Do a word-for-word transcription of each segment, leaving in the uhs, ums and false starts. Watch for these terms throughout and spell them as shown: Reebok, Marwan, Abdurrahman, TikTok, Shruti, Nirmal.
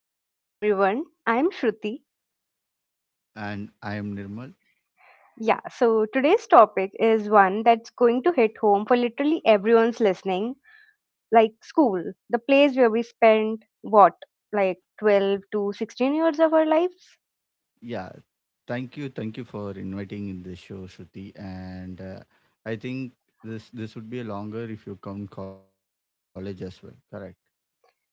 back, everyone. I'm Shruti. And I am Nirmal. Yeah, so today's topic is one that's going to hit home for literally everyone's listening, like school, the place where we spend what, like twelve to sixteen years of our lives? Yeah, thank you, thank you for inviting in the show, Shruti. And uh, I think this this would be a longer if you count college as well. Correct.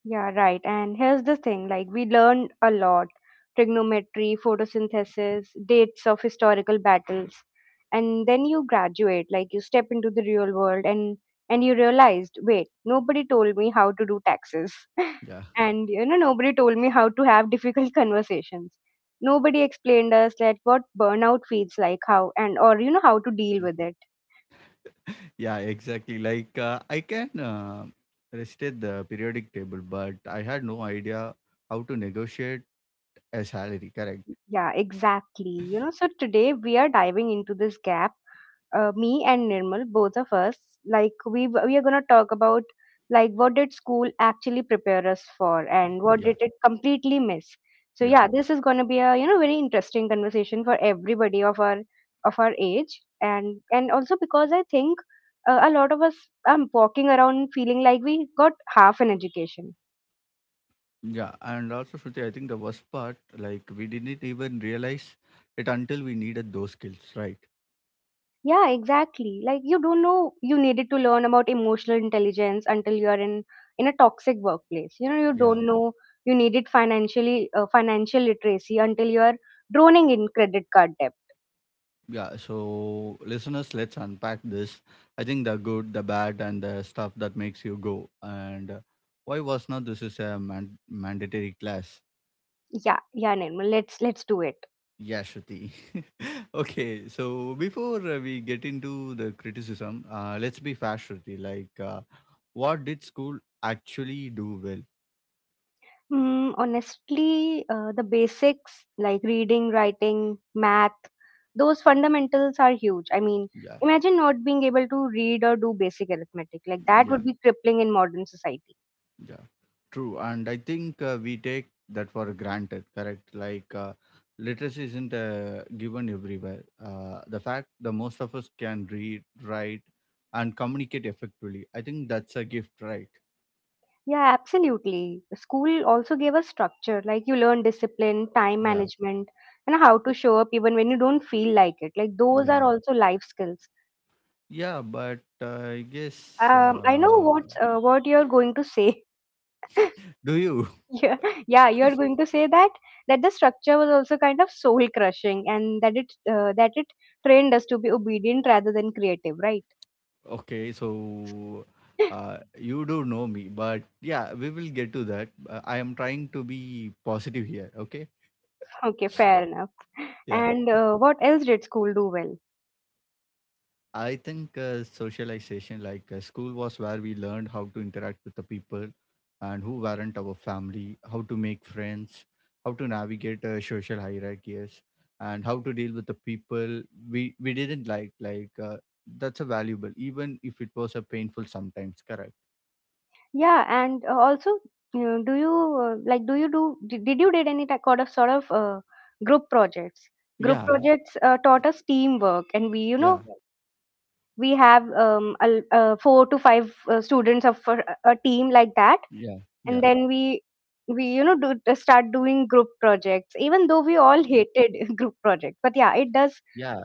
Yeah, right. And here's the thing, like, we learned a lot: trigonometry, photosynthesis, dates of historical battles. And then you graduate, like, you step into the real world and and you realized, wait, nobody told me how to do taxes. Yeah, And you know nobody told me how to have difficult conversations. Nobody explained us that what burnout feels like, how and, or you know how to deal with it. yeah, Exactly. Like uh, I can uh, restate the periodic table, but I had no idea how to negotiate a salary. Correct. Yeah, exactly. You know, so today we are diving into this gap. Uh, me and Nirmal, both of us, like we we are gonna talk about, like, what did school actually prepare us for, and what Yeah, did it completely miss. So yeah, yeah, this is gonna be a you know very interesting conversation for everybody of our, of our age, and and also because I think uh, a lot of us are walking around feeling like we got half an education. yeah. And also, Shruti, I think the worst part, like we didn't even realize it until we needed those skills, right? Yeah, exactly. Like, you don't know you needed to learn about emotional intelligence until you are in in a toxic workplace. You know, you Yeah. don't know you needed financially uh, financial literacy until you are drowning in credit card debt. Yeah, so listeners, let's unpack this. I think the good, the bad, and the stuff that makes you go. And uh, Why was not this is a man- mandatory class? Yeah, yeah, Nirmal. Let's let's do it. Yeah, Shruti. okay, so before uh, we get into the criticism, uh, let's be fast, Shruti. Like, uh, what did school actually do well? Mm, honestly, uh, the basics, like reading, writing, math, those fundamentals are huge. I mean, Yeah, imagine not being able to read or do basic arithmetic. Like, that yeah. would be crippling in modern society. Yeah, true. And I think uh, we take that for granted, correct? Like, uh, literacy isn't uh, given everywhere. Uh, the fact the most of us can read, write, and communicate effectively, I think that's a gift, right? Yeah, absolutely. School also gave us structure, like you learn discipline, time Yeah, management, and how to show up even when you don't feel like it. Like, those yeah. are also life skills. Yeah, but uh, I guess. Um, I know Uh, what uh, what you're going to say. Do you? Yeah, yeah, you're going to say that that the structure was also kind of soul crushing, and that it uh, that it trained us to be obedient rather than creative, right? Okay, so uh, you do know me, but yeah, we will get to that. Uh, I am trying to be positive here, okay? Okay, fair enough. yeah. And uh, what else did school do well? I think uh, socialization, like uh, school was where we learned how to interact with the people and who weren't our family, how to make friends, how to navigate uh, social hierarchies, and how to deal with the people we we didn't like. Like uh, that's a valuable, even if it was a painful sometimes. Correct? Yeah, and uh, also, you know, do you uh, like do you do did, did you did any type of sort of uh, group projects? Group Yeah, projects uh, taught us teamwork, and we you know yeah, we have um a, l- uh, four to five uh, students of a, a team like that, yeah, and yeah, then we we you know do uh, start doing group projects, even yeah. though we all hated group projects. But yeah, it yeah. does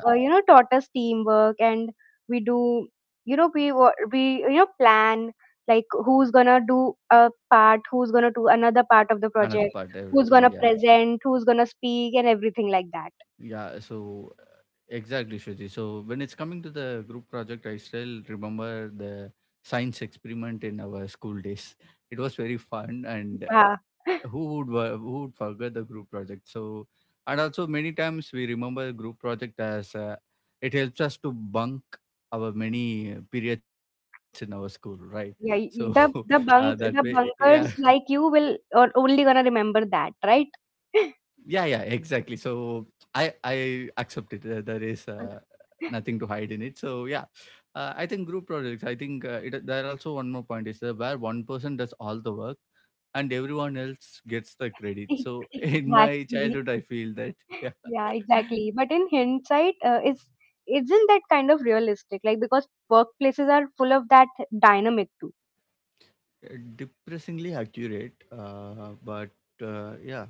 uh, you know taught us teamwork. And we do, you know we wa- we you know plan like who's gonna do a part, who's gonna do another part of the Another project, part, who's everything. gonna Yeah. present, who's gonna speak, and everything like that. Yeah, so uh, exactly, Shuji. So when it's coming to the group project, I still remember the science experiment in our school days. It was very fun, and Yeah. uh, who would wa- who would forget the group project? So, and also many times we remember group project as uh, it helps us to bunk our many uh, periods in our school, right? So Yeah, y- y- uh, the that the way, bunk, yeah, the bunkers, like, you will or only gonna remember that, right? yeah, yeah, exactly. So i i accept it. Uh, there is uh, nothing to hide in it, so yeah. Uh, i think group projects, I think uh, it there are also one more point is uh, where one person does all the work and everyone else gets the credit, so Ex- in my exactly. childhood I feel that. Yeah. Yeah, exactly. But in hindsight, uh, it's, isn't that kind of realistic? Like, because workplaces are full of that dynamic too. depressingly accurate uh, but uh, yeah.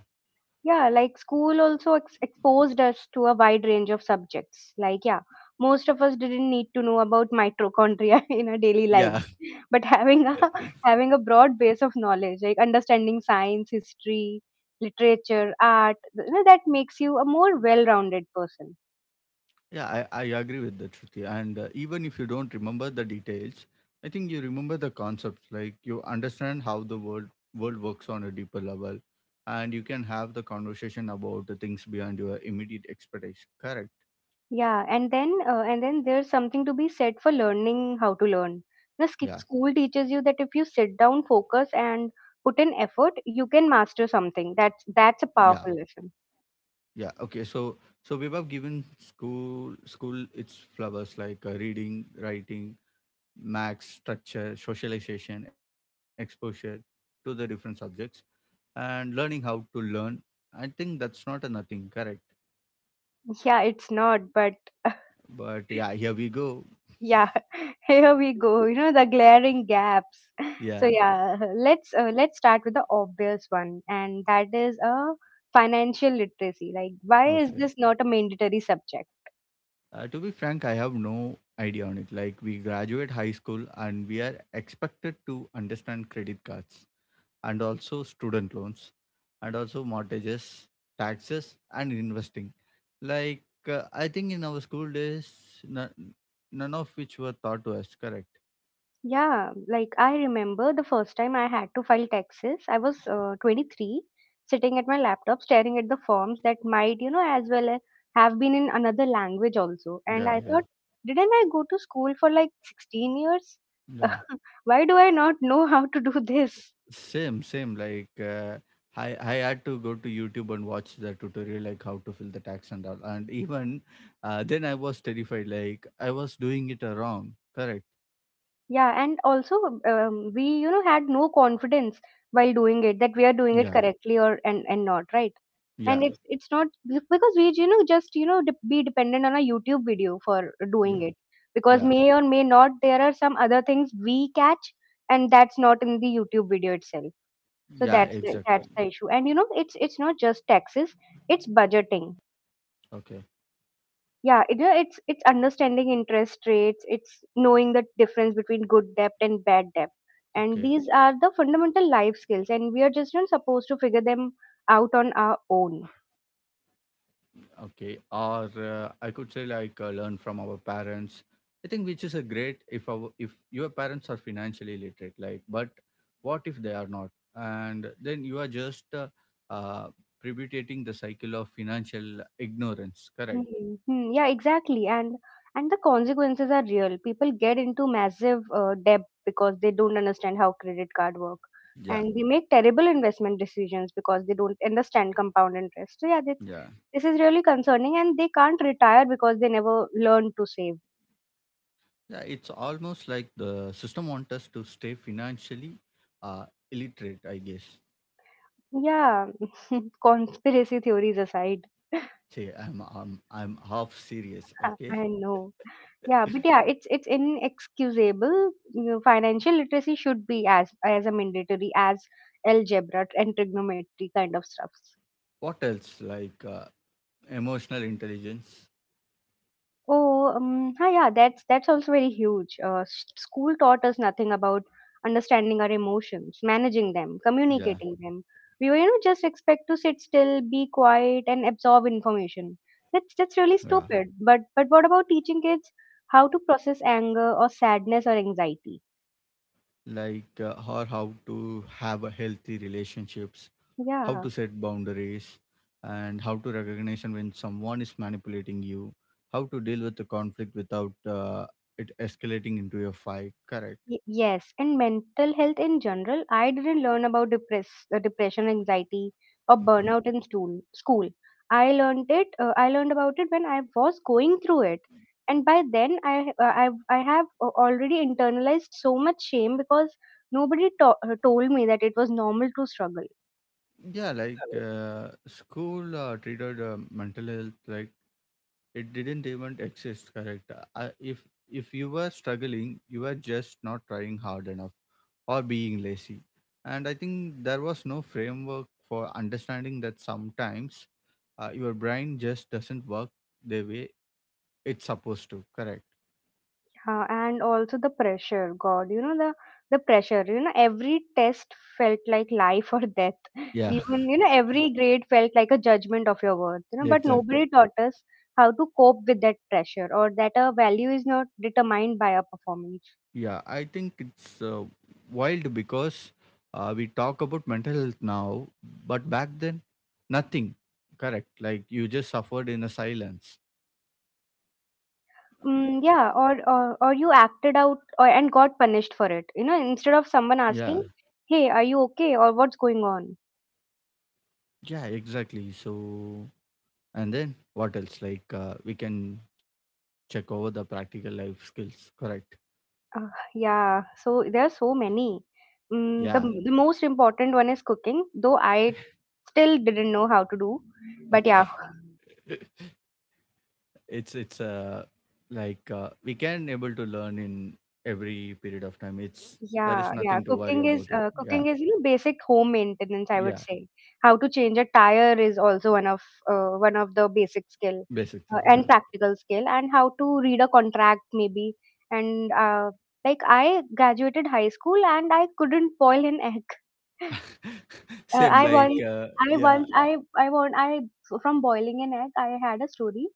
Yeah, like school also ex exposed us to a wide range of subjects. Like, yeah, most of us didn't need to know about mitochondria in our daily Yeah. lives, but having a having a broad base of knowledge, like understanding science, history, literature, art, you know, that makes you a more well-rounded person. Yeah, I, I agree with that, Shruti. And uh, even if you don't remember the details, I think you remember the concepts. Like you understand how the world world works on a deeper level, and you can have the conversation about the things beyond your immediate expertise. Correct? Yeah, and then uh, and then there's something to be said for learning how to learn. The sk- Yeah, School teaches you that if you sit down, focus, and put in effort, you can master something. That's yeah, That's a powerful lesson. yeah. Okay, so so we have given school school its flowers like uh, reading, writing, max structure, socialization, exposure to the different subjects and learning how to learn. I think that's not a nothing, correct? Yeah, it's not, but But yeah, here we go. yeah, here we go. You know, the glaring gaps. So Yeah, yeah, let's uh, let's start with the obvious one, and that is a uh, financial literacy. Like, why is okay. this not a mandatory subject? Uh, to be frank, I have no idea on it. Like, we graduate high school and we are expected to understand credit cards and also student loans and also mortgages, taxes, and investing. Like, uh, I think in our school days, n- none of which were taught to us, correct? Yeah, like I remember the first time I had to file taxes, I was uh, twenty-three, sitting at my laptop staring at the forms that might, you know, as well a- have been in another language also. And Yeah, I yeah, thought, didn't I go to school for like sixteen years? yeah. Why do I not know how to do this? Same, same. Like uh, I, I had to go to YouTube and watch the tutorial, like how to fill the tax and all. And even uh, then, I was terrified. Like I was doing it uh, wrong. Correct. Yeah, and also um, we, you know, had no confidence while doing it, that we are doing it Yeah. correctly or and, and not, right? And Yeah. it's it's not because we, you know just you know de- be dependent on a YouTube video for doing Yeah. it, because Yeah. may or may not there are some other things we catch, and that's not in the YouTube video itself. Yeah. So Exactly. that's the- that's the issue. And you know, it's it's not just taxes, it's budgeting. Okay. Yeah it, yeah, it's it's understanding interest rates, it's knowing the difference between good debt and bad debt. And Okay. these are the fundamental life skills, and we are just not supposed to figure them out on our own. Okay, or uh, I could say like uh, learn from our parents. I think which is a great if our if your parents are financially literate, like, but what if they are not? And then you are just uh, uh, perpetuating the cycle of financial ignorance. Correct? Hmm, hmm, yeah, exactly. And and the consequences are real. People get into massive uh, debt because they don't understand how credit card work, Yeah, and they make terrible investment decisions because they don't understand compound interest. So yeah, this yeah, this is really concerning, and they can't retire because they never learn to save. Yeah, it's almost like the system wants us to stay financially uh, illiterate. I guess. Yeah, conspiracy theories aside. Say I'm I'm I'm half serious. Uh, Okay. I know. Yeah, but yeah, it's it's inexcusable. You know, financial literacy should be as as a mandatory as algebra and trigonometry kind of stuffs. What else? Like. Uh, emotional intelligence. Oh, um, hi, yeah, that's that's also very huge. Uh, s- school taught us nothing about understanding our emotions, managing them, Yeah, communicating them. We were, you know, just expect to sit still, be quiet, and absorb information. That's yeah, That's really stupid. But but what about teaching kids how to process anger or sadness or anxiety? like uh, or how to have a healthy relationships, how Yeah, to set boundaries, and how to recognize when someone is manipulating you, how to deal with the conflict without uh, it escalating into a fight, correct? y- yes, and mental health in general. I didn't learn about depress, uh, depression, anxiety, or Okay. burnout in school. School, I learned it. Uh, I learned about it when I was going through it, and by then I uh, I I have a- already internalized so much shame because nobody to- uh, told me that it was normal to struggle. Yeah like uh, school uh, treated uh, mental health like it didn't even exist, correct? Uh, I- if if you were struggling you were just not trying hard enough or being lazy. And I think there was no framework for understanding that sometimes uh, your brain just doesn't work the way it's supposed to, correct? Uh, and also the pressure, god, you know, the the pressure, you know, every test felt like life or death, Yeah, even, you know, every grade felt like a judgment of your worth. You know, but exactly. nobody taught us how to cope with that pressure, or that a value is not determined by a performance. Yeah, I think it's uh, wild because uh, we talk about mental health now, but back then, nothing. Correct. Like you just suffered in a silence. Mm, yeah, or, or or you acted out, or, and got punished for it, you know, instead Yeah. of someone asking, hey, are you okay, or what's going on. Yeah, exactly. So, and then what else? Like uh, we can check over the practical life skills. Correct. Uh, yeah, so there are so many. Yeah. Mm, the the most important one is cooking, though I still didn't know how to do. But yeah, Okay. it's it's uh like uh, we can able to learn in every period of time. It's there yeah, is yeah. nothing to worry Cooking is, about it. uh, Yeah. cooking is, you know, basic home maintenance. I would Yeah. say how to change a tire is also one of uh, one of the basic skill, Basic uh, thing. and Yeah. practical skill, and how to read a contract maybe. And uh, like I graduated high school and I couldn't boil an egg. Uh, Same I like once, uh, I yeah. once, I, I want, I from boiling an egg, I had a story.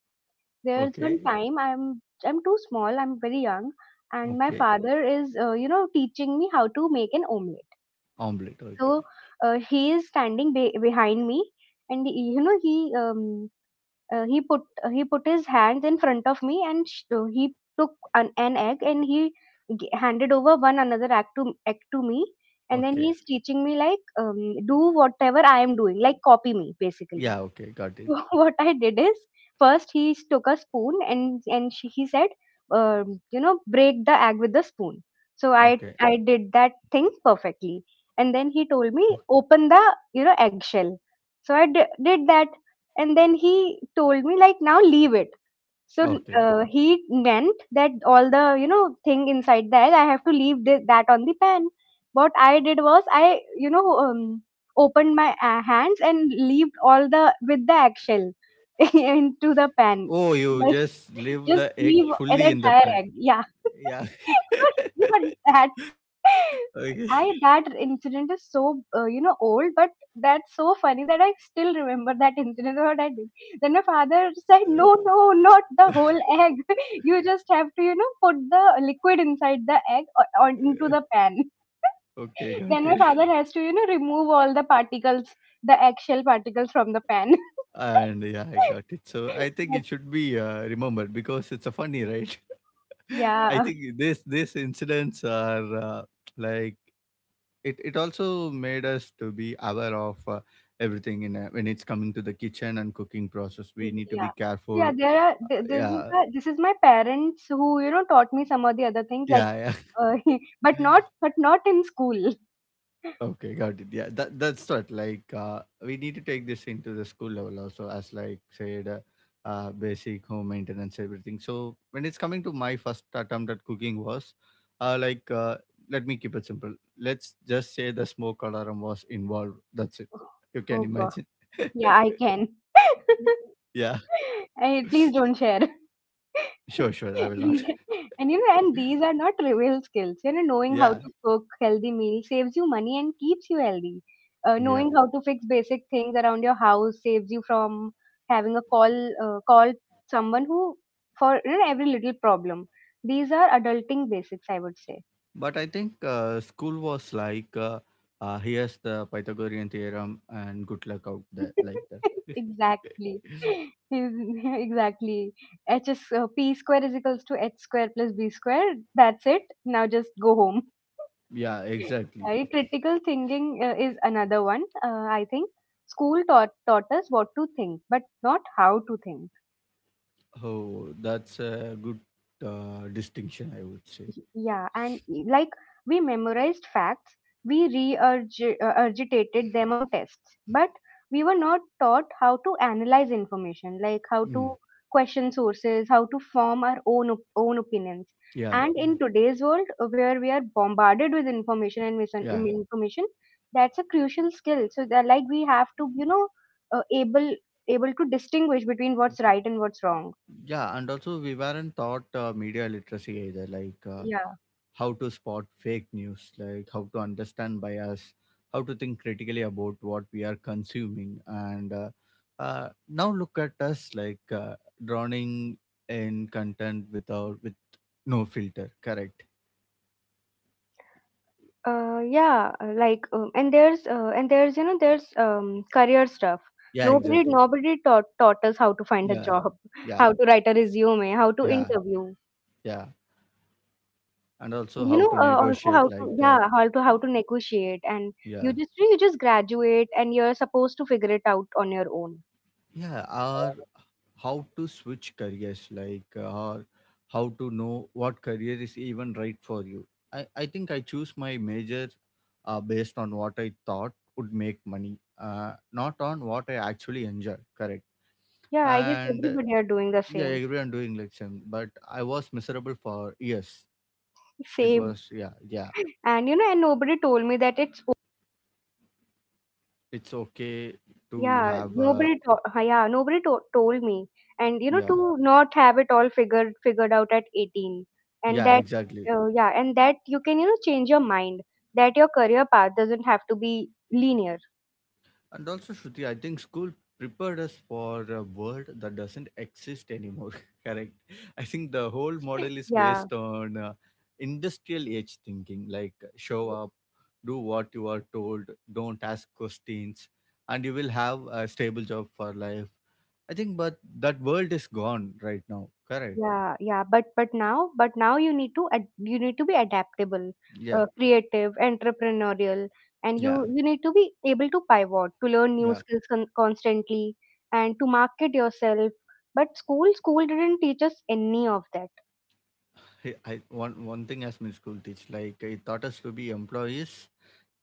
There's one Okay. time, I'm, I'm too small, I'm very young, and my Okay. father is, uh, you know, teaching me how to make an omelette. Omelette. So, Okay. uh, he is standing be- behind me, and he, you know, he um, uh, he put uh, he put his hands in front of me, and sh- uh, he took an, an egg, and he g- handed over one another egg to egg to me. And then Okay. he's teaching me like, um, do whatever I am doing, like copy me basically. Yeah. Okay. Got So it. what I did is, first he s- took a spoon, and and she, he said, um, you know, break the egg with the spoon. So I Okay. I did that thing perfectly, and then o- he told me, open the, you know, eggshell. So I d- did that, and then he told me like, now leave it. So Okay. uh, he meant that all the, you know, thing inside the egg, I have to leave this, that on the pan. What I did was, I, you know, um, opened my uh, hands and leaved all the with the eggshell into the Oh, pan. you just Like, leave the egg just leave fully in the an pan. entire egg. Yeah, Yeah. what that. okay. I that incident is so, uh, you know, old, but that's so funny that I still remember that incident, what I did. Then my father said, "No, no, not the whole egg. You just have to, you know, put the liquid inside the egg, or, or into the pan." okay. Got Then my it. father has to, you know, remove all the particles, the eggshell particles from the pan. And yeah, I got it. So I think it But, should be uh, remembered because it's a funny, right? I yeah. think this these incidents are uh, like it. It also made us to be aware of uh, everything in a, when it's coming to the kitchen and cooking process. We Mm, need to be yeah. careful. Yeah, there are Uh, th This is yeah, a, this is my parents who, you know, taught me some of the other things like yeah, uh, but yeah. not but not in school. okay, got it. Yeah, that that's what like uh, we need to take this into the school level also as like said, uh, uh, basic home maintenance everything. So when it's coming to my first attempt at cooking was uh, like uh, let me keep it simple. Let's just say the smoke alarm was involved. That's it. You can Oh God. imagine. Yeah, I can. yeah, I, Please don't share. sure, sure. I will not. And you know, and these are not trivial skills. You know, knowing Yeah, how to cook healthy meals saves you money and keeps you healthy. Uh, yeah. Knowing how to fix basic things around your house saves you from having a call uh, call someone who for you know, every little problem. These are adulting basics, I would say. But I think uh, school was like, uh, uh, here's the Pythagorean theorem and good luck out there, like that. Exactly. Exactly. H is uh, P square is equals to H square plus B square. That's it. Now just go home. yeah, exactly. Right, critical thinking uh, is another one. Uh, I think school taught taught us what to think, but not how to think. Oh, that's a good uh, distinction, I would say. Yeah, and e- like we memorized facts, we regurgitated them on tests, but we were not taught how to analyze information, like how Mm, to question sources, how to form our own op- own opinions. yeah, And in today's world, uh, where we are bombarded with information and yeah, misinformation, that's a crucial skill. So that like we have to, you know, uh, able able to distinguish between what's right and what's wrong. yeah. And also, we weren't taught uh, media literacy either. Like, uh, Yeah. how to spot fake news, like how to understand bias, how to think critically about what we are consuming. And uh, uh, now look at us like uh, drowning in content without with no filter. Correct. Uh, yeah, uh, like um, and there's uh, and there's you know there's um, career stuff. Yeah, Nobody exactly. nobody taught taught us how to find a Yeah, job, yeah, how to write a resume, how to yeah, interview, yeah. And and also you how know to uh, also how negotiate to like that. yeah how to how to negotiate. And you Yeah. just you just graduate and you're supposed to figure it out on your own. Yeah, our how to switch careers like uh, or how to know what career is even right for you. i, I think i choose my major uh, based on what I thought would make money, uh, not on what I actually enjoy, correct? Yeah, I guess And uh, everybody are doing the yeah, same. everyone doing like same, but I was miserable for years. It Same. was yeah, yeah. And you know, and nobody told me that it's It's okay to Yeah, have uh, nobody to ha yeah, nobody to told me. And you know, yeah, to not have it all figured figured out at eighteen. And yeah that exactly. uh, yeah, and that you can, you know, change your mind. That your career path doesn't have to be linear. And also, Shruti, I think school prepared us for a world that doesn't exist anymore. Correct. I think the whole model is Yeah. based on uh, industrial age thinking, like show up, do what you are told, don't ask questions, and you will have a stable job for life. I think, but that world is gone right now. Correct. Yeah, yeah, but but now, but now you need to ad you need to be adaptable, Yeah. uh, creative, entrepreneurial, and you Yeah. you need to be able to pivot, to learn new Yeah. skills con constantly, and to market yourself. But school school didn't teach us any of that. I, I one one thing as my school teach, like it taught us to be employees,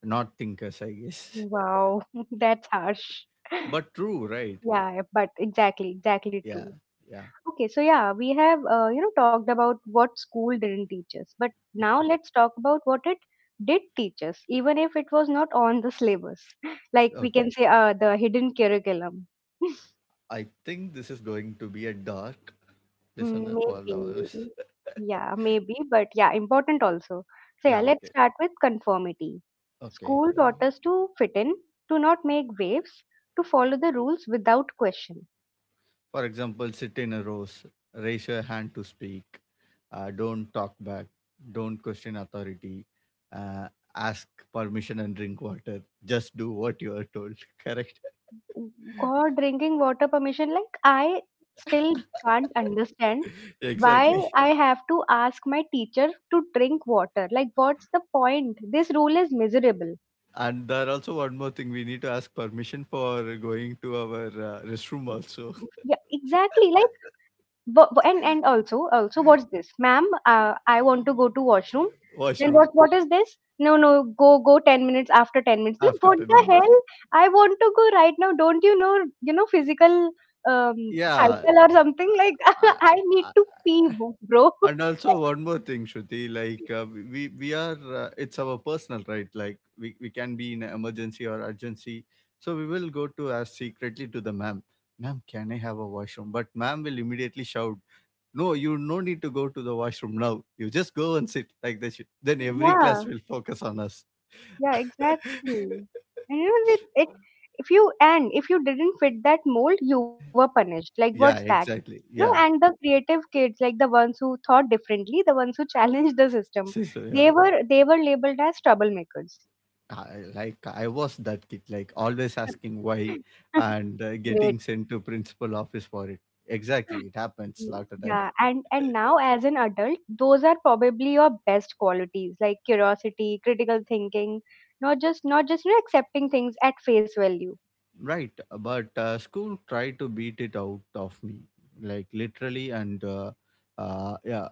not thinkers. I guess. Wow, that's harsh. But true, right? Yeah, but exactly, exactly Yeah, true. yeah. Okay, so yeah, we have uh, you know talked about what school didn't teach us, but now let's talk about what it did teach us, even if it was not on the syllabus. Like we Okay. can say, uh, the hidden curriculum. I think this is going to be a dark Mm, listener for lovers. maybe, yeah, maybe, but yeah, important also. So yeah, yeah, let's okay. start with conformity. Okay. School taught us to fit in, to not make waves, to follow the rules without question. For example, sit in a rows, raise your hand to speak, uh, don't talk back, don't question authority, uh, ask permission and drink water. Just do what you are told. Correct. God, drinking water permission, like I still can't understand why exactly. I have to ask my teacher to drink water. Like, what's the point? This rule is miserable. And there also one more thing we need to ask permission for going to our uh, restroom also. Yeah, exactly. Like Wha- wha- and and also also what's this ma'am uh, I want to go to washroom, then Washroom what what is this? No, no, go go ten minutes, after ten minutes, like after what ten the minutes. hell, I want to go right now, don't you know, you know physical um Yeah. cycle or something like I, I need I, to pee bro. and also one more thing, Shruti, like uh, we we are uh, it's our personal right, like we, we can be in an emergency or urgency, so we will go to ask secretly to the ma'am, ma'am can I have a washroom, but ma'am will immediately shout, no you no need to go to the washroom now you just go and sit like that. Sh- then every Yeah. class will focus on us. Yeah, exactly. And you know, it, it if you and if you didn't fit that mold, you were punished. Like what's yeah, that? You exactly, know, and yeah. the creative kids, like the ones who thought differently, the ones who challenged the system, Sister, yeah. they were they were labeled as troublemakers. I, like I was that kid, like always asking why and uh, Great. getting sent to principal office for it. Exactly, it happens Mm. lot of time. Yeah, and and now as an adult, those are probably your best qualities, like curiosity, critical thinking, not just not just you know, accepting things at face value. Right, but uh, school tried to beat it out of me, like literally and uh, uh, yeah,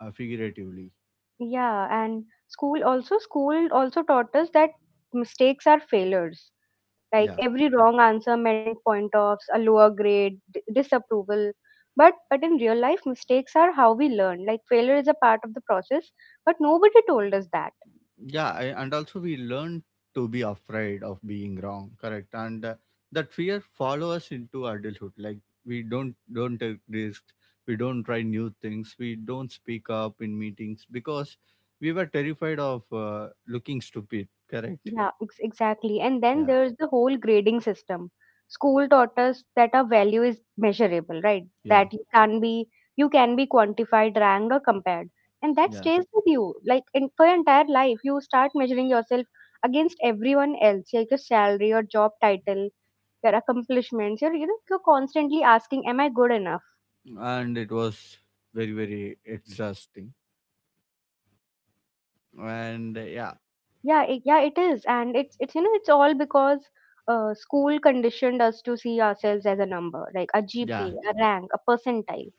uh, figuratively. Yeah, and school also school also taught us that mistakes are failures. Like Yeah, every wrong answer meant point offs, a lower grade, d- disapproval. But but in real life, mistakes are how we learn. Like failure is a part of the process, but nobody told us that. yeah I, and also we learn to be afraid of being wrong, correct? And uh, that fear follow us into adulthood, like we don't don't take risks, we don't try new things, we don't speak up in meetings because we were terrified of uh, looking stupid, correct? Yeah, ex- exactly. And then Yeah, there's the whole grading system. School taught us that our value is measurable, right? yeah, That you can be you can be quantified, ranked, or compared, and that yeah. stays with you like in, for your entire life. You start measuring yourself against everyone else, like your salary, your job title, your accomplishments. You're you know you're constantly asking, "Am I good enough?" And it was very very exhausting. And uh, yeah Yeah, it, yeah, it is, and it's it's you know it's all because uh, school conditioned us to see ourselves as a number, like a yeah G P A, a rank, a percentile.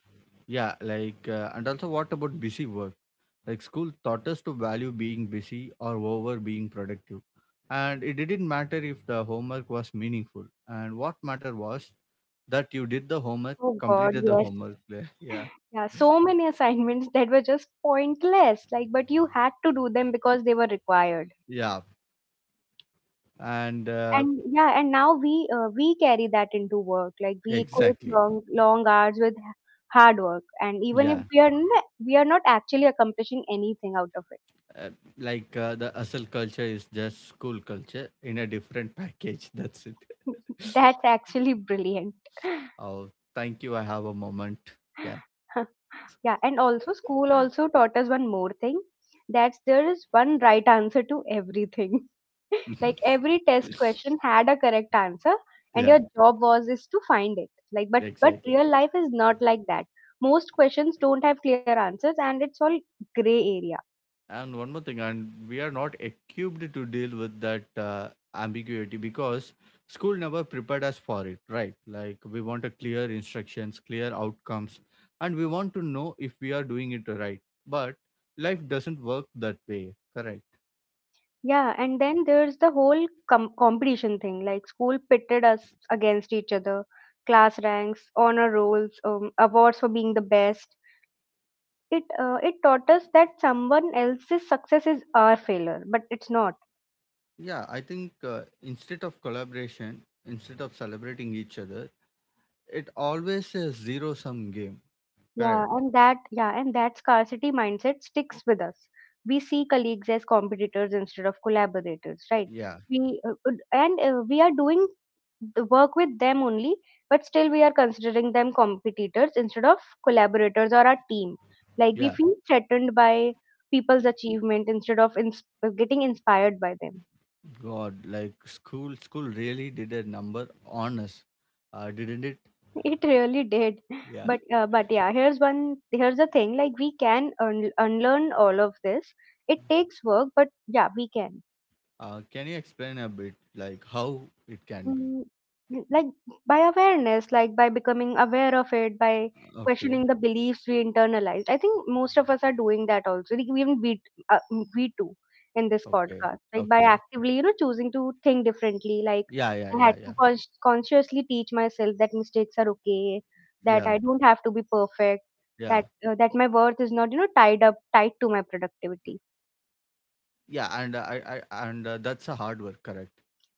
yeah like uh, And also, what about busy work? Like school taught us to value being busy or over being productive. And it didn't matter if the homework was meaningful. And what mattered was that you did the homework, Oh God, completed the yes, homework. Yeah. yeah, so many assignments that were just pointless, like but you had to do them because they were required. Yeah. And uh, And yeah, and now we uh, we carry that into work, like we equate Exactly. long long hours with h- hard work, and even if Yeah. we are n- we are not actually accomplishing anything out of it. Uh, like uh, the hustle culture is just school culture in a different package. That's it. That's actually brilliant. Oh, thank you. I have a moment. Yeah. Yeah, and also school also taught us one more thing: that's there is one right answer to everything. Like every test question had a correct answer, and Yeah. your job was is to find it. Like but but Exactly. real life is not like that. Most questions don't have clear answers, and it's all gray area. And one more thing, and we are not equipped to deal with that uh, ambiguity because school never prepared us for it, right? Like we want a clear instructions, clear outcomes, and we want to know if we are doing it right. But life doesn't work that way, correct? Yeah, and then there's the whole com- competition thing. Like school pitted us against each other: class ranks, honor rolls, um, awards for being the best. It uh, it taught us that someone else's success is our failure, but it's not. Yeah, I think uh, instead of collaboration, instead of celebrating each other, it always a zero sum game, Yeah, correct? and that yeah, and that scarcity mindset sticks with us. We see colleagues as competitors instead of collaborators, right? Yeah, We uh, uh, and uh, we are doing the work with them only, but still we are considering them competitors instead of collaborators or our team. Like we yeah. feel threatened by people's achievement instead of ins- getting inspired by them. God, like school, school really did a number on us, uh, didn't it? It really did. Yeah. But uh, but yeah, here's one here's the thing, like we can un- unlearn all of this. It takes work, but yeah, we can. Uh, can you explain a bit, like how it can be? Mm, like by awareness, like by becoming aware of it, by Okay, questioning the beliefs we internalized. I think most of us are doing that also. Like even we, uh, mm, we too, in this okay, podcast, like by okay. actively, you know, choosing to think differently. Like Yeah, yeah, I had yeah, to yeah, con- consciously teach myself that mistakes are okay, that yeah, I don't have to be perfect, that yeah, uh, that my worth is not, you know, tied up tied to my productivity. yeah. And uh, I, I, and uh, that's a hard work, correct?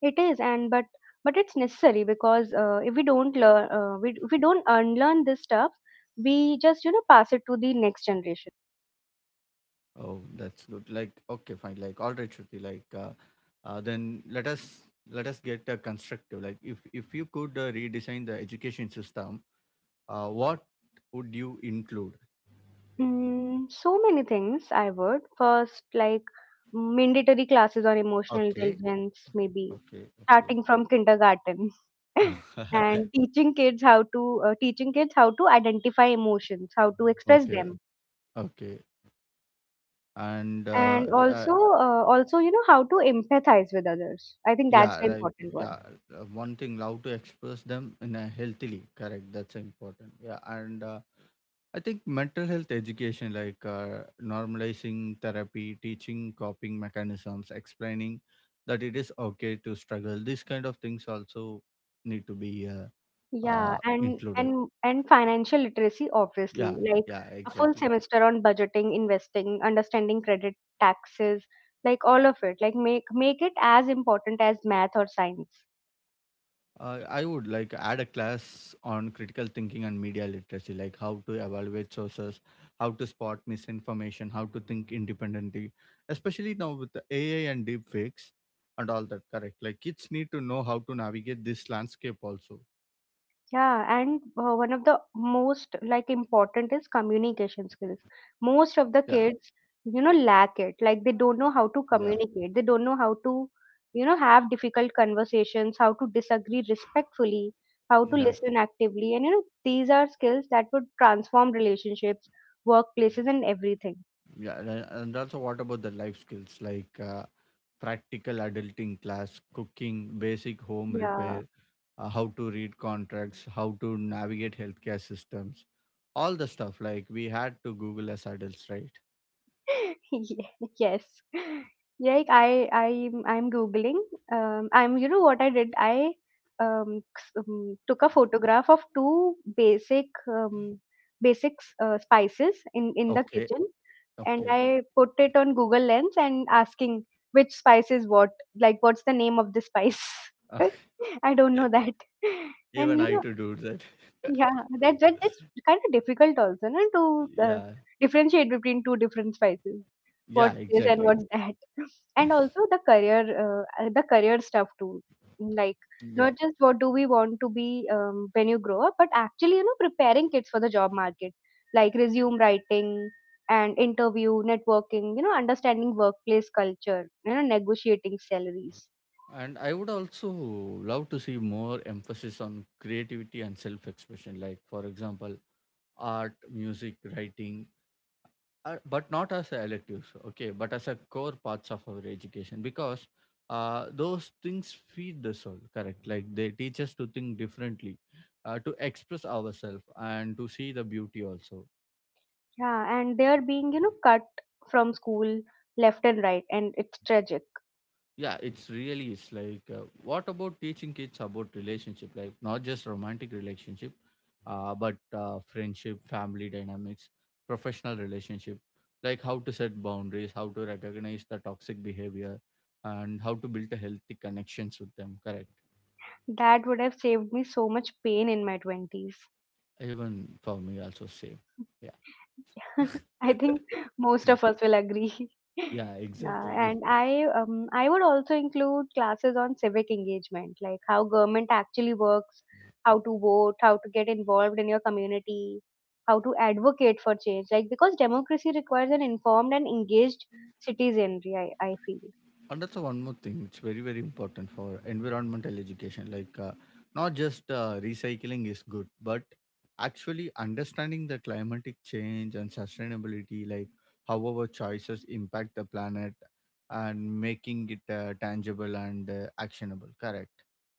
It is, and but but it's necessary because uh, if we don't learn, uh, we if we don't unlearn this stuff, we just you know pass it to the next generation. Oh, that's good. Like, okay, fine. Like, all right, Shruti. Like, uh, uh, then let us let us get uh, constructive. Like, if if you could uh, redesign the education system, uh, what would you include? Mm, so many things. I would first like mandatory classes on emotional Okay, intelligence, maybe okay, starting okay. from kindergarten, and teaching kids how to uh, teaching kids how to identify emotions, how to express Okay, them, okay. And uh, and also yeah, uh, also you know how to empathize with others. I think that's yeah, the like important one. yeah, uh, one thing, how to express them in a healthily, correct? That's important. Yeah, and uh, I think mental health education, like uh, normalizing therapy, teaching coping mechanisms, explaining that it is okay to struggle. These kind of things also need to be uh, Yeah, uh, and included. and and financial literacy, obviously, Yeah, like yeah, a full exactly. semester on budgeting, investing, understanding credit, taxes, like all of it. Like make make it as important as math or science. Uh, I would like add a class on critical thinking and media literacy, like how to evaluate sources, how to spot misinformation, how to think independently, especially now with the A I and deep fakes and all that. Correct. Like kids need to know how to navigate this landscape also. Yeah, and uh, one of the most like important is communication skills. Yeah, Most of the kids, you know, lack it. Like they don't know how yeah, to communicate. They don't know how to, you know, have difficult conversations, how to disagree respectfully, how to yeah, listen actively. And you know, these are skills that would transform relationships, workplaces, and everything. yeah. And and also, what about the life skills like uh, practical adulting class, cooking, basic home Yeah. repair, uh, how to read contracts, how to navigate healthcare systems, all the stuff. Like we had to Google as adults, right? Ye- yes, like i i I'm googling. Um I'm You know what I did? I um, s- um took a photograph of two basic um basic uh, spices in in the Okay, kitchen, and okay. I put it on Google Lens and asking which spice is what, like what's the name of the spice. I don't know that. And Even you I know, to do that. yeah, that that that's kind of difficult also, no, to uh, Yeah, differentiate between two different spices. yeah, What's this and exactly. what's that? And also the career, uh, uh, the career stuff too. Like Yeah. not just what do we want to be um, when you grow up, but actually you know preparing kids for the job market, like resume writing and interview, networking. You know, understanding workplace culture. You know, negotiating salaries. And I would also love to see more emphasis on creativity and self expression, like, for example, art, music, writing, uh, but not as a electives, okay, but as a core parts of our education, because uh, those things feed the soul, correct? Like they teach us to think differently, uh, to express ourselves and to see the beauty also. Yeah, and they are being you know cut from school left and right, and it's tragic. Yeah, it's really is. Like uh, what about teaching kids about relationship, like not just romantic relationship, uh, but uh, friendship, family dynamics, professional relationship, like how to set boundaries, how to recognize the toxic behavior, and how to build a healthy connections with them, correct? That would have saved me so much pain in my twenties. Even for me also same. Yeah, I think most of us will agree. yeah, Yeah, exactly. and I um, I would also include classes on civic engagement, like how government actually works, how to vote, how to get involved in your community, how to advocate for change. Like because democracy requires an informed and engaged citizenry, I, I feel. And that's one more thing. It's very, very important for environmental education. Like, uh, not just uh, recycling is good, but actually understanding the climatic change and sustainability, like how our choices impact the planet and making it uh, tangible and uh, actionable. Correct.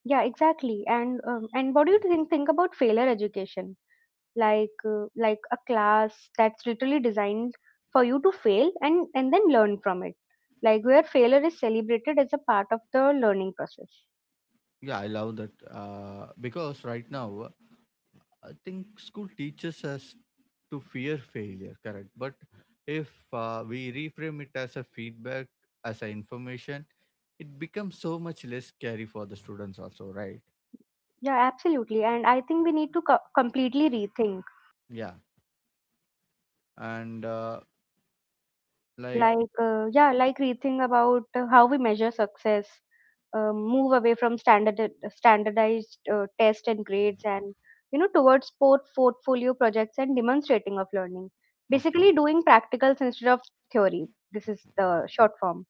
Yeah, exactly. And um, and what do you think think about failure education? like uh, like a class that's literally designed for you to fail and and then learn from it, like where failure is celebrated as a part of the learning process. Yeah, I love that. Uh, because right now, uh, I think school teaches us to fear failure. Correct. But if uh, we reframe it as a feedback, as a information, it becomes so much less scary for the students also, right? Yeah, absolutely, and I think we need to co- completely rethink, Yeah. and uh, like like uh, yeah like rethink about uh, how we measure success. Uh, move away from standard standardized uh, test and grades and, you know, towards port portfolio projects and demonstrating of learning. Basically Okay, doing practicals instead of theory. This is the short form.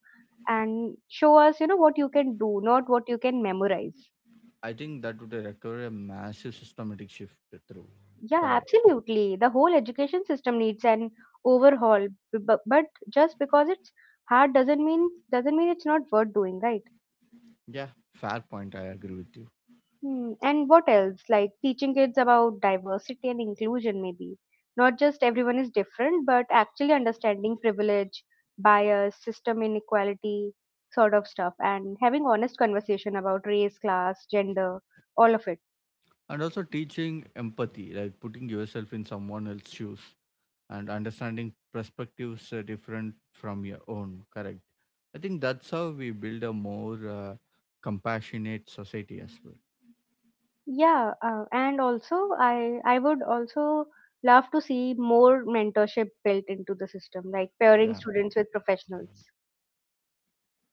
And show us, you know, what you can do, not what you can memorize. I think that would require a massive systematic shift through. Yeah, Correct. absolutely, the whole education system needs an overhaul. B- bu- but just because it's hard doesn't mean doesn't mean it's not worth doing, right? Yeah, fair point, I agree with you. Hmm. And what else, like teaching kids about diversity and inclusion? Maybe not just everyone is different, but actually understanding privilege, bias, system inequality, sort of stuff, and having honest conversation about race, class, gender, all of it. And also teaching empathy, like putting yourself in someone else's shoes and understanding perspectives uh, different from your own, correct? I think that's how we build a more uh, compassionate society as well. Yeah, uh, and also I I would also love to see more mentorship built into the system, like pairing Yeah, students with professionals.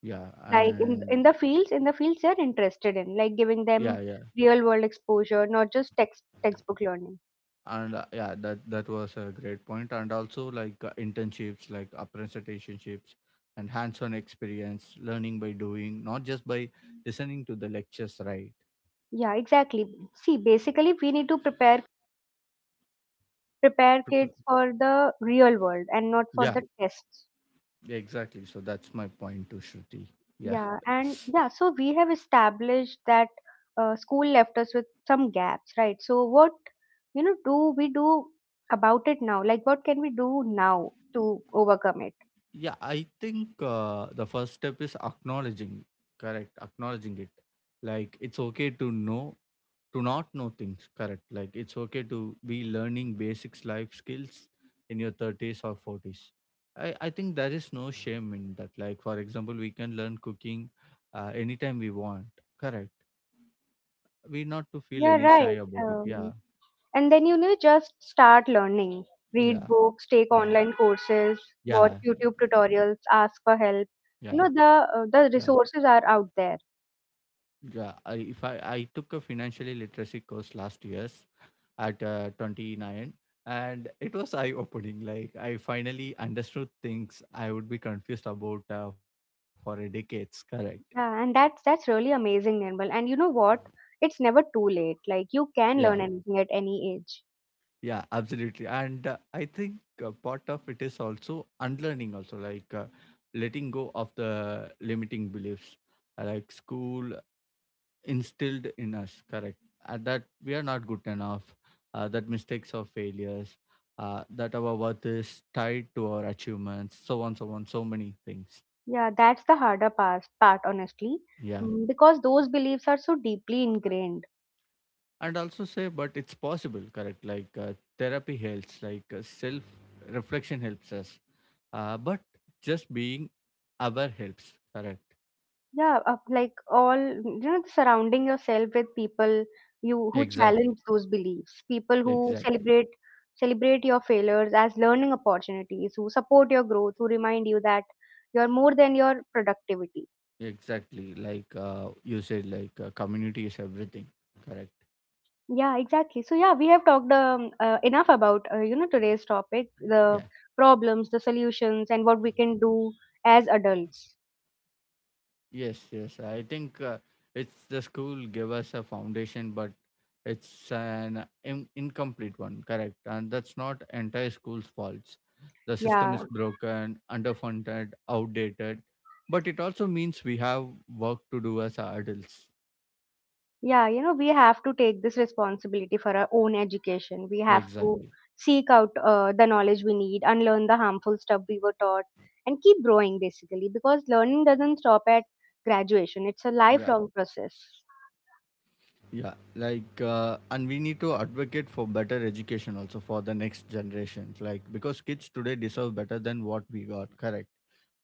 yeah, Like in and in the fields, in the fields they're interested in, like giving them yeah, yeah. real world exposure, not just text textbook learning. and uh, Yeah, that that was a great point point. And also like uh, internships, like apprenticeships and hands-on experience, learning by doing, not just by listening to the lectures, right? Yeah, exactly. See, basically we need to prepare prepare kids Pr- for the real world and not for yeah, the tests. exactly, so that's my point to Shruti. Yeah. Yeah, and yeah, so we have established that uh, school left us with some gaps, right? So what, you know, do we do about it now? Like, what can we do now to overcome it? Yeah, I think uh, the first step is acknowledging, correct? Acknowledging it. Like, it's okay to know, to not know things, correct? Like, it's okay to be learning basics life skills in your thirties or forties. I, I think there is no shame in that. Like, for example, we can learn cooking uh, anytime we want, correct? We not to feel Yeah, any shy right. about it. Um, Yeah, and then, you know, just start learning. Read yeah, books, take yeah, online courses, watch yeah, YouTube tutorials, ask for yeah, help. You know, yeah. the uh, the resources are out there. Yeah, I, if I, I took a financially literacy course last year, at uh, twenty-nine, and it was eye opening. Like I finally understood things I would be confused about uh, for a decades, correct? Yeah, and that's that's really amazing, Nirmal. And you know what? It's never too late. Like you Yeah, can learn anything at any age. yeah, absolutely. And uh, I think uh, part of it is also unlearning also, like uh, letting go of the limiting beliefs, uh, like school instilled in us, correct? Uh, that we are not good enough, uh, that mistakes are failures, uh, that our worth is tied to our achievements, so on, so on, so many things. Yeah, that's the harder part, part honestly. Yeah. Mm, because those beliefs are so deeply ingrained. And also say, but it's possible, correct? Like uh, therapy helps, like uh, self reflection helps us. Uh, but just being aware helps, correct? Yeah, uh, like all, you know, surrounding yourself with people you who Exactly. challenge those beliefs, people who Exactly. celebrate celebrate your failures as learning opportunities, who support your growth, who remind you that you're more than your productivity. Exactly. Like uh, you said, like uh, community is everything, correct? Yeah, exactly. So yeah, we have talked um, uh, enough about uh, you know, today's topic, the Yeah. problems, the solutions, and what we can do as adults. Yes, yes. I think uh, it's the school give us a foundation, but it's an in- incomplete one. Correct, and that's not entire school's faults. The system Yeah. is broken, underfunded, outdated, but it also means we have work to do as adults. Yeah, you know, we have to take this responsibility for our own education. We have to Exactly. seek out uh, the knowledge we need, unlearn the harmful stuff we were taught, and keep growing, basically, because learning doesn't stop at graduation. It's a Yeah, lifelong process. yeah. Like, uh, and we need to advocate for better education also for the next generations. Like, because kids today deserve better than what we got. Correct.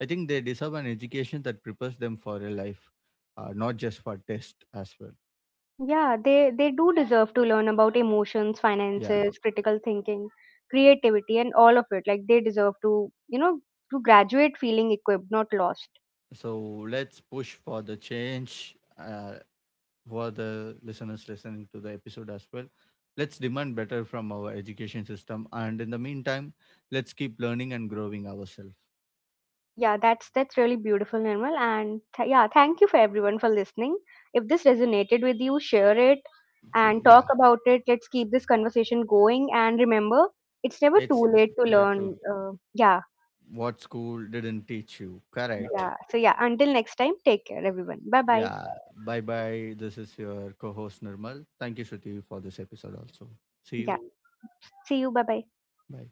I think they deserve an education that prepares them for a life, uh, not just for test as well. Yeah, they, they do deserve to learn about emotions, Yeah. finances, critical thinking, creativity, and all of it. Like they deserve to, you know, to graduate feeling equipped, not lost. So let's push for the change uh, for the listeners listening to the episode as well. Let's demand better from our education system, and in the meantime, let's keep learning and growing ourselves. Yeah, that's that's really beautiful, Nirmal. And th- yeah, thank you for everyone for listening. If this resonated with you, share it and Yeah, talk about it. Let's keep this conversation going. And remember, it's never it's too late to related learn. to Uh, yeah, what school didn't teach you. Correct. yeah. So yeah, until next time, take care, everyone. Bye bye. Yeah. Bye bye. This is your co-host Nirmal. Thank you, Shruti, for this episode. Also, see you. Yeah, see you. Bye bye. Bye.